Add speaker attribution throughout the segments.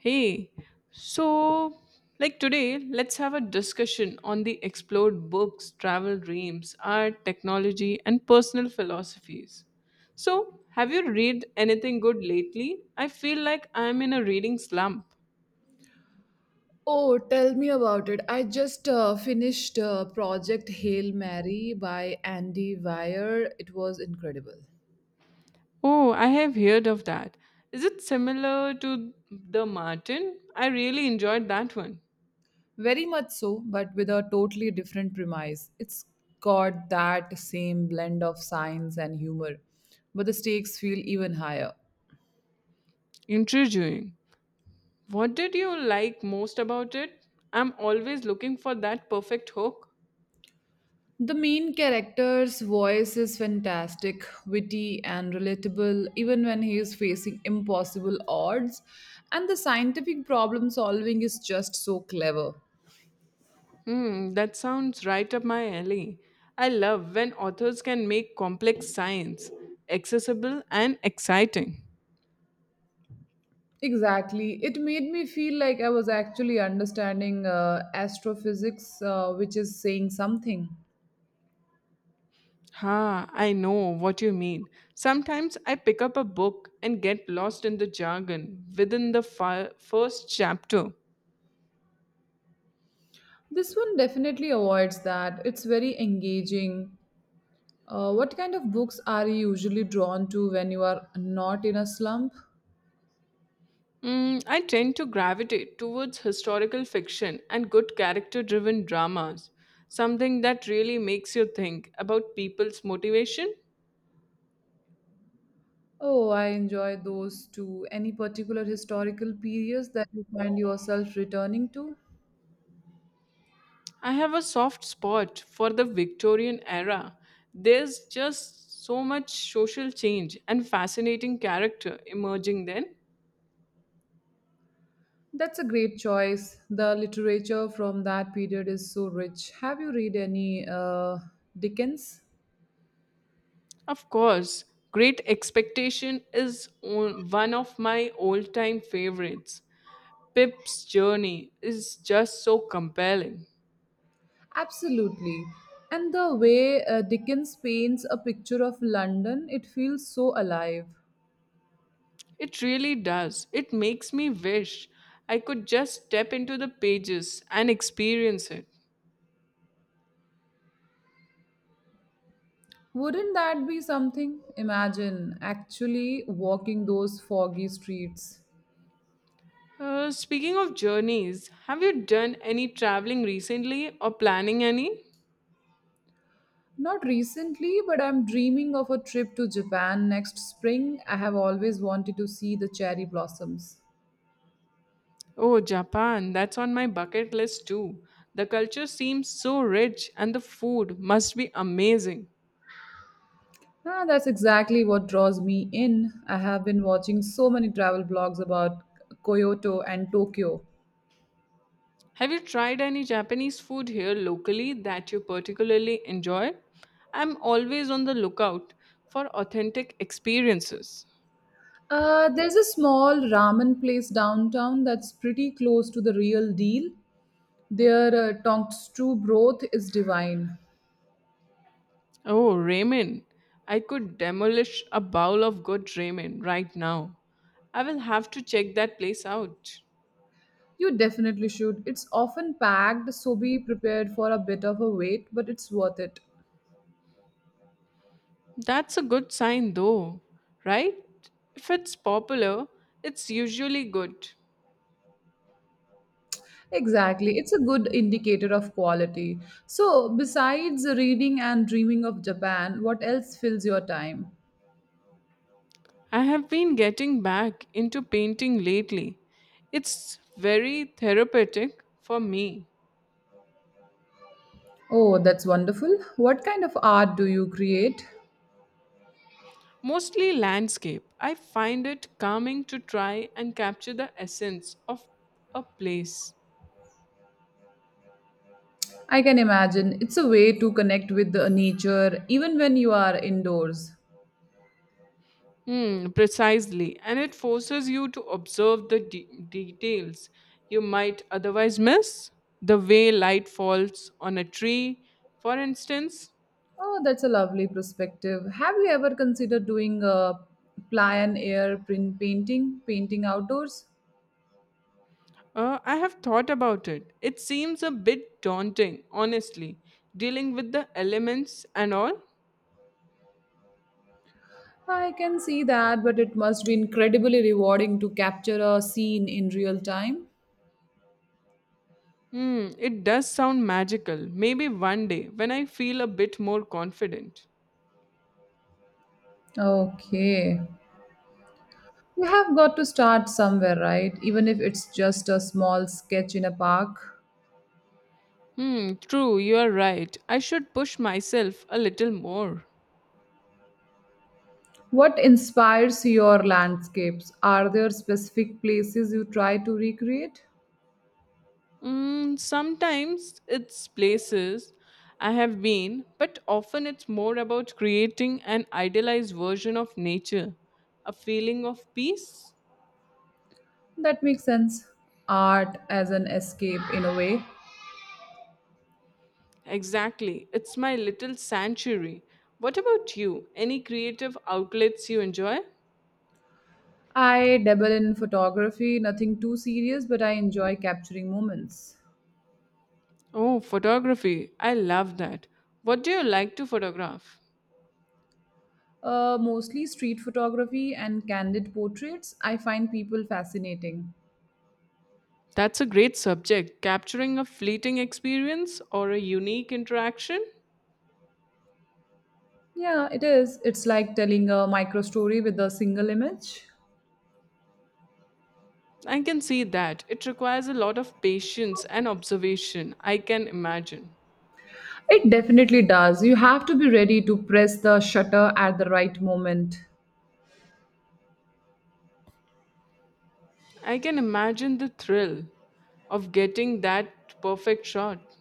Speaker 1: Hey, so like today, let's have a discussion on the explored books, travel dreams, art, technology, and personal philosophies. So, have you read anything good lately? I feel like I'm in a reading slump.
Speaker 2: Oh, tell me about it. I just finished Project Hail Mary by Andy Weir. It was incredible.
Speaker 1: Oh, I have heard of that. Is it similar to The Martin? I really enjoyed that one.
Speaker 2: Very much so, but with a totally different premise. It's got that same blend of science and humor, but the stakes feel even higher.
Speaker 1: Intriguing. What did you like most about it? I'm always looking for that perfect hook.
Speaker 2: The main character's voice is fantastic, witty, and relatable, even when he is facing impossible odds. And the scientific problem solving is just so clever.
Speaker 1: Hmm, that sounds right up my alley. I love when authors can make complex science accessible and exciting.
Speaker 2: Exactly. It made me feel like I was actually understanding astrophysics, which is saying something.
Speaker 1: Ha, I know what you mean. Sometimes I pick up a book and get lost in the jargon within the first chapter.
Speaker 2: This one definitely avoids that. It's very engaging. What kind of books are you usually drawn to when you are not in a slump?
Speaker 1: Mm, I tend to gravitate towards historical fiction and good character driven dramas, something that really makes you think about people's motivation.
Speaker 2: Oh, I enjoy those too. Any particular historical periods that you find yourself returning to?
Speaker 1: I have a soft spot for the Victorian era. There's just so much social change and fascinating character emerging then.
Speaker 2: That's a great choice. The literature from that period is so rich. Have you read any Dickens?
Speaker 1: Of course, Great Expectation is one of my all time favorites. Pip's journey is just so compelling.
Speaker 2: Absolutely. And the way Dickens paints a picture of London, it feels so alive.
Speaker 1: It really does. It makes me wish I could just step into the pages and experience it.
Speaker 2: Wouldn't that be something? Imagine actually walking those foggy streets.
Speaker 1: Speaking of journeys, have you done any traveling recently or planning any?
Speaker 2: Not recently, but I'm dreaming of a trip to Japan next spring. I have always wanted to see the cherry blossoms.
Speaker 1: Oh, Japan, that's on my bucket list too. The culture seems so rich and the food must be amazing.
Speaker 2: Ah, that's exactly what draws me in. I have been watching so many travel blogs about Kyoto and Tokyo.
Speaker 1: Have you tried any Japanese food here locally that you particularly enjoy? I'm always on the lookout for authentic experiences.
Speaker 2: There's a small ramen place downtown that's pretty close to the real deal. Their tonkatsu broth is divine.
Speaker 1: Oh, ramen. I could demolish a bowl of good ramen right now. I will have to check that place out.
Speaker 2: You definitely should. It's often packed, so be prepared for a bit of a wait, but it's worth it.
Speaker 1: That's a good sign, though, right? If it's popular, it's usually good.
Speaker 2: Exactly. It's a good indicator of quality. So, besides reading and dreaming of Japan, what else fills your time?
Speaker 1: I have been getting back into painting lately. It's very therapeutic for me.
Speaker 2: Oh, that's wonderful. What kind of art do you create?
Speaker 1: Mostly landscape. I find it calming to try and capture the essence of a place.
Speaker 2: I can imagine. It's a way to connect with the nature even when you are indoors.
Speaker 1: Mm, precisely. And it forces you to observe the details you might otherwise miss. The way light falls on a tree, for instance.
Speaker 2: Oh, that's a lovely perspective. Have you ever considered doing a ply and air print painting, painting outdoors?
Speaker 1: I have thought about it. It seems a bit daunting, honestly, dealing with the elements and all.
Speaker 2: I can see that, but it must be incredibly rewarding to capture a scene in real time.
Speaker 1: Hmm, it does sound magical. Maybe one day when I feel a bit more confident.
Speaker 2: Okay. You have got to start somewhere, right? Even if it's just a small sketch in a park.
Speaker 1: Hmm, true, you are right. I should push myself a little more.
Speaker 2: What inspires your landscapes? Are there specific places you try to recreate?
Speaker 1: Mm, sometimes it's places I have been, but often it's more about creating an idealized version of nature, a feeling of peace.
Speaker 2: That makes sense. Art as an escape, in a way.
Speaker 1: Exactly, it's my little sanctuary. What about you? Any creative outlets you enjoy?
Speaker 2: I dabble in photography, nothing too serious, but I enjoy capturing moments.
Speaker 1: Oh, photography. I love that. What do you like to photograph?
Speaker 2: Mostly street photography and candid portraits. I find people fascinating.
Speaker 1: That's a great subject. Capturing a fleeting experience or a unique interaction?
Speaker 2: Yeah, it is. It's like telling a micro story with a single image.
Speaker 1: I can see that. It requires a lot of patience and observation. I can imagine.
Speaker 2: It definitely does. You have to be ready to press the shutter at the right moment.
Speaker 1: I can imagine the thrill of getting that perfect shot.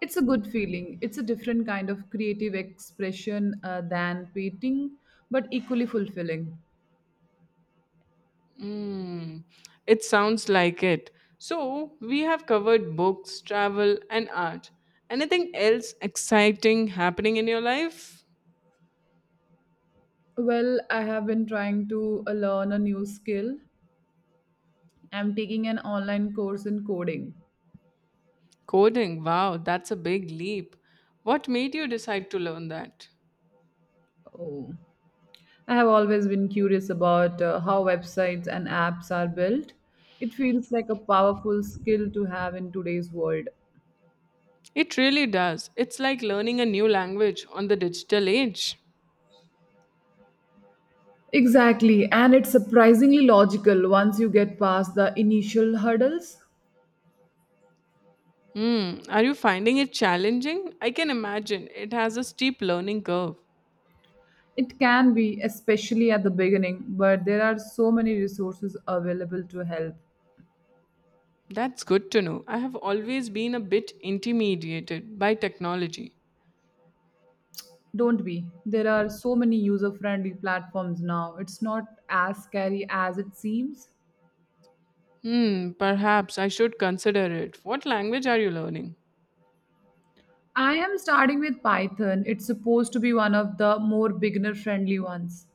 Speaker 2: It's a good feeling. It's a different kind of creative expression than painting, but equally fulfilling.
Speaker 1: Mm, it sounds like it. So, we have covered books, travel, and art. Anything else exciting happening in your life?
Speaker 2: Well, I have been trying to learn a new skill. I'm taking an online course in coding.
Speaker 1: Coding. Wow, that's a big leap. What made you decide to learn that?
Speaker 2: Oh, I have always been curious about how websites and apps are built. It feels like a powerful skill to have in today's world.
Speaker 1: It really does. It's like learning a new language on the digital age.
Speaker 2: Exactly, and it's surprisingly logical once you get past the initial hurdles.
Speaker 1: Hmm. Are you finding it challenging? I can imagine. It has a steep learning curve.
Speaker 2: It can be, especially at the beginning, but there are so many resources available to help.
Speaker 1: That's good to know. I have always been a bit intimidated by technology.
Speaker 2: Don't be. There are so many user friendly platforms now. It's not as scary as it seems.
Speaker 1: Hmm, perhaps I should consider it. What language are you learning?
Speaker 2: I am starting with Python. It's supposed to be one of the more beginner friendly ones.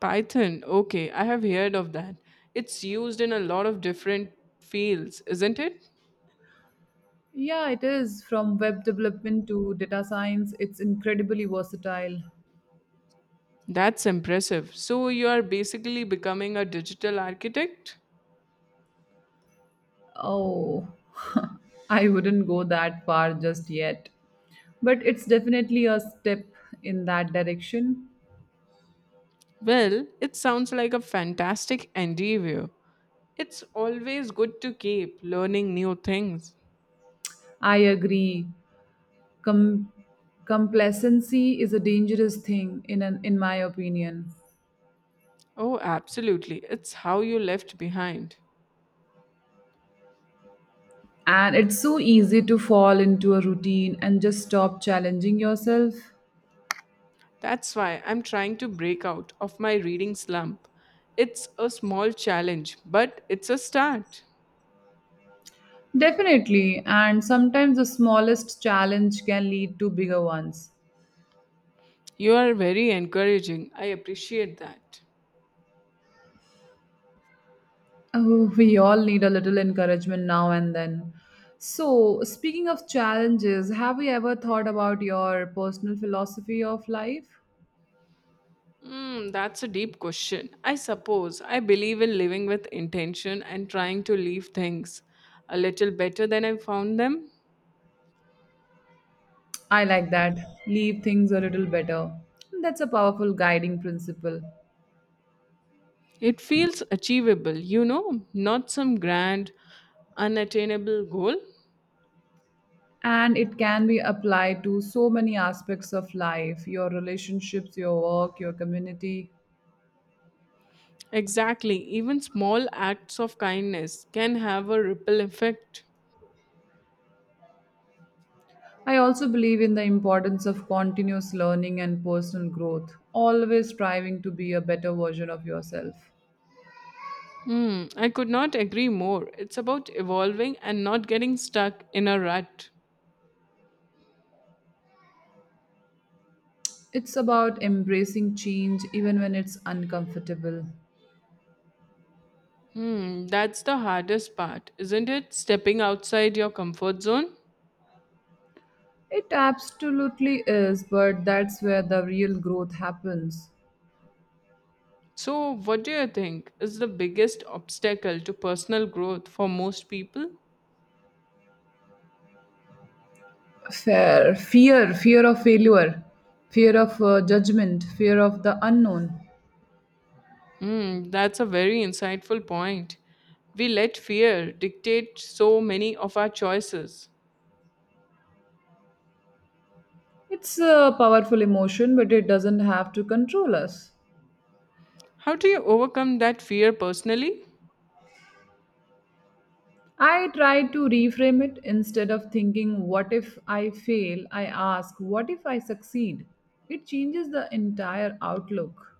Speaker 1: Python. Okay, I have heard of that. It's used in a lot of different fields, isn't it?
Speaker 2: Yeah, it is. From web development to data science, it's incredibly versatile.
Speaker 1: That's impressive. So you are basically becoming a digital architect?
Speaker 2: Oh, I wouldn't go that far just yet. But it's definitely a step in that direction.
Speaker 1: Well, it sounds like a fantastic endeavor. It's always good to keep learning new things.
Speaker 2: I agree. Com- Complacency is a dangerous thing, in my opinion.
Speaker 1: Oh, absolutely. It's how you left behind.
Speaker 2: And it's so easy to fall into a routine and just stop challenging yourself.
Speaker 1: That's why I'm trying to break out of my reading slump. It's a small challenge, but it's a start.
Speaker 2: Definitely. And sometimes the smallest challenge can lead to bigger ones.
Speaker 1: You are very encouraging. I appreciate that.
Speaker 2: Oh, we all need a little encouragement now and then. So, speaking of challenges, have you ever thought about your personal philosophy of life?
Speaker 1: Hmm, that's a deep question. I suppose I believe in living with intention and trying to leave things a little better than I found them.
Speaker 2: I like that. Leave things a little better. That's a powerful guiding principle.
Speaker 1: It feels achievable, you know, not some grand, unattainable goal.
Speaker 2: And it can be applied to so many aspects of life your relationships, your work, your community.
Speaker 1: Exactly, even small acts of kindness can have a ripple effect.
Speaker 2: I also believe in the importance of continuous learning and personal growth, always striving to be a better version of yourself.
Speaker 1: Hmm, I could not agree more. It's about evolving and not getting stuck in a rut.
Speaker 2: It's about embracing change even when it's uncomfortable.
Speaker 1: Hmm, that's the hardest part, isn't it? Stepping outside your comfort zone.
Speaker 2: It absolutely is, but that's where the real growth happens.
Speaker 1: So, what do you think is the biggest obstacle to personal growth for most people?
Speaker 2: Fear of failure, fear of judgment, fear of the unknown.
Speaker 1: Mm, that's a very insightful point. We let fear dictate so many of our choices.
Speaker 2: It's a powerful emotion, but it doesn't have to control us.
Speaker 1: How do you overcome that fear personally?
Speaker 2: I try to reframe it instead of thinking, what if I fail? I ask, what if I succeed? It changes the entire outlook.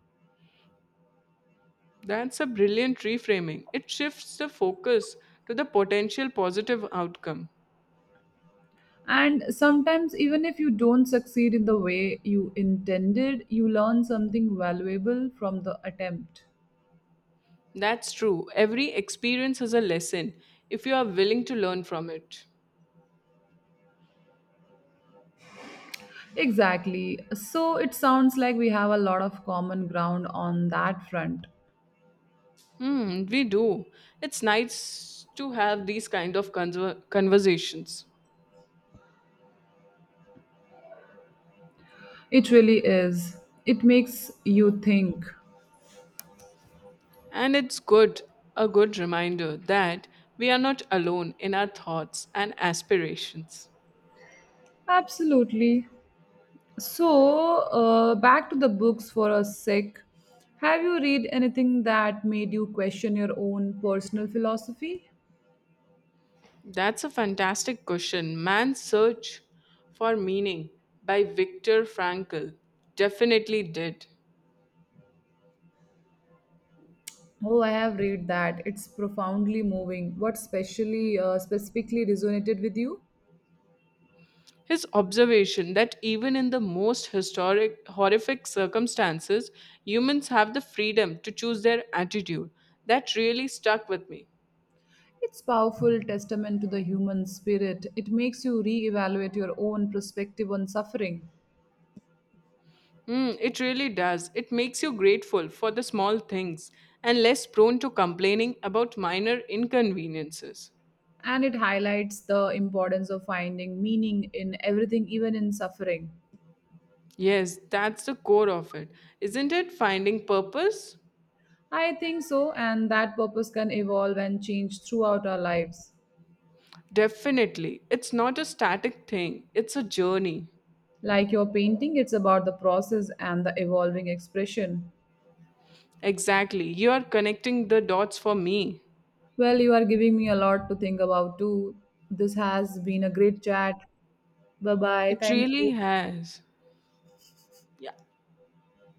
Speaker 1: That's a brilliant reframing. It shifts the focus to the potential positive outcome.
Speaker 2: And sometimes, even if you don't succeed in the way you intended, you learn something valuable from the attempt.
Speaker 1: That's true. Every experience is a lesson if you are willing to learn from it.
Speaker 2: Exactly. So it sounds like we have a lot of common ground on that front.
Speaker 1: Hmm, we do. It's nice to have these kind of conversations.
Speaker 2: It really is. It makes you think.
Speaker 1: And it's good, a good reminder that we are not alone in our thoughts and aspirations.
Speaker 2: Absolutely. So, back to the books for a sec. Have you read anything that made you question your own personal philosophy?
Speaker 1: That's a fantastic question. Man's Search for Meaning by Viktor Frankl definitely did.
Speaker 2: Oh, I have read that. It's profoundly moving. What specially specifically resonated with you?
Speaker 1: His observation that even in the most historic, horrific circumstances, humans have the freedom to choose their attitude, that really stuck with me.
Speaker 2: It's powerful testament to the human spirit. It makes you reevaluate your own perspective on suffering,
Speaker 1: Mm, it really does. It makes you grateful for the small things and less prone to complaining about minor inconveniences.
Speaker 2: and it highlights the importance of finding meaning in everything, even in suffering.
Speaker 1: Yes, that's the core of it. Isn't it finding purpose?
Speaker 2: I think so, and that purpose can evolve and change throughout our lives.
Speaker 1: Definitely. It's not a static thing, it's a journey.
Speaker 2: Like your painting, it's about the process and the evolving expression.
Speaker 1: Exactly. You are connecting the dots for me.
Speaker 2: Well, you are giving me a lot to think about too. This has been a great chat. Bye bye.
Speaker 1: It
Speaker 2: Thank
Speaker 1: really
Speaker 2: you.
Speaker 1: has.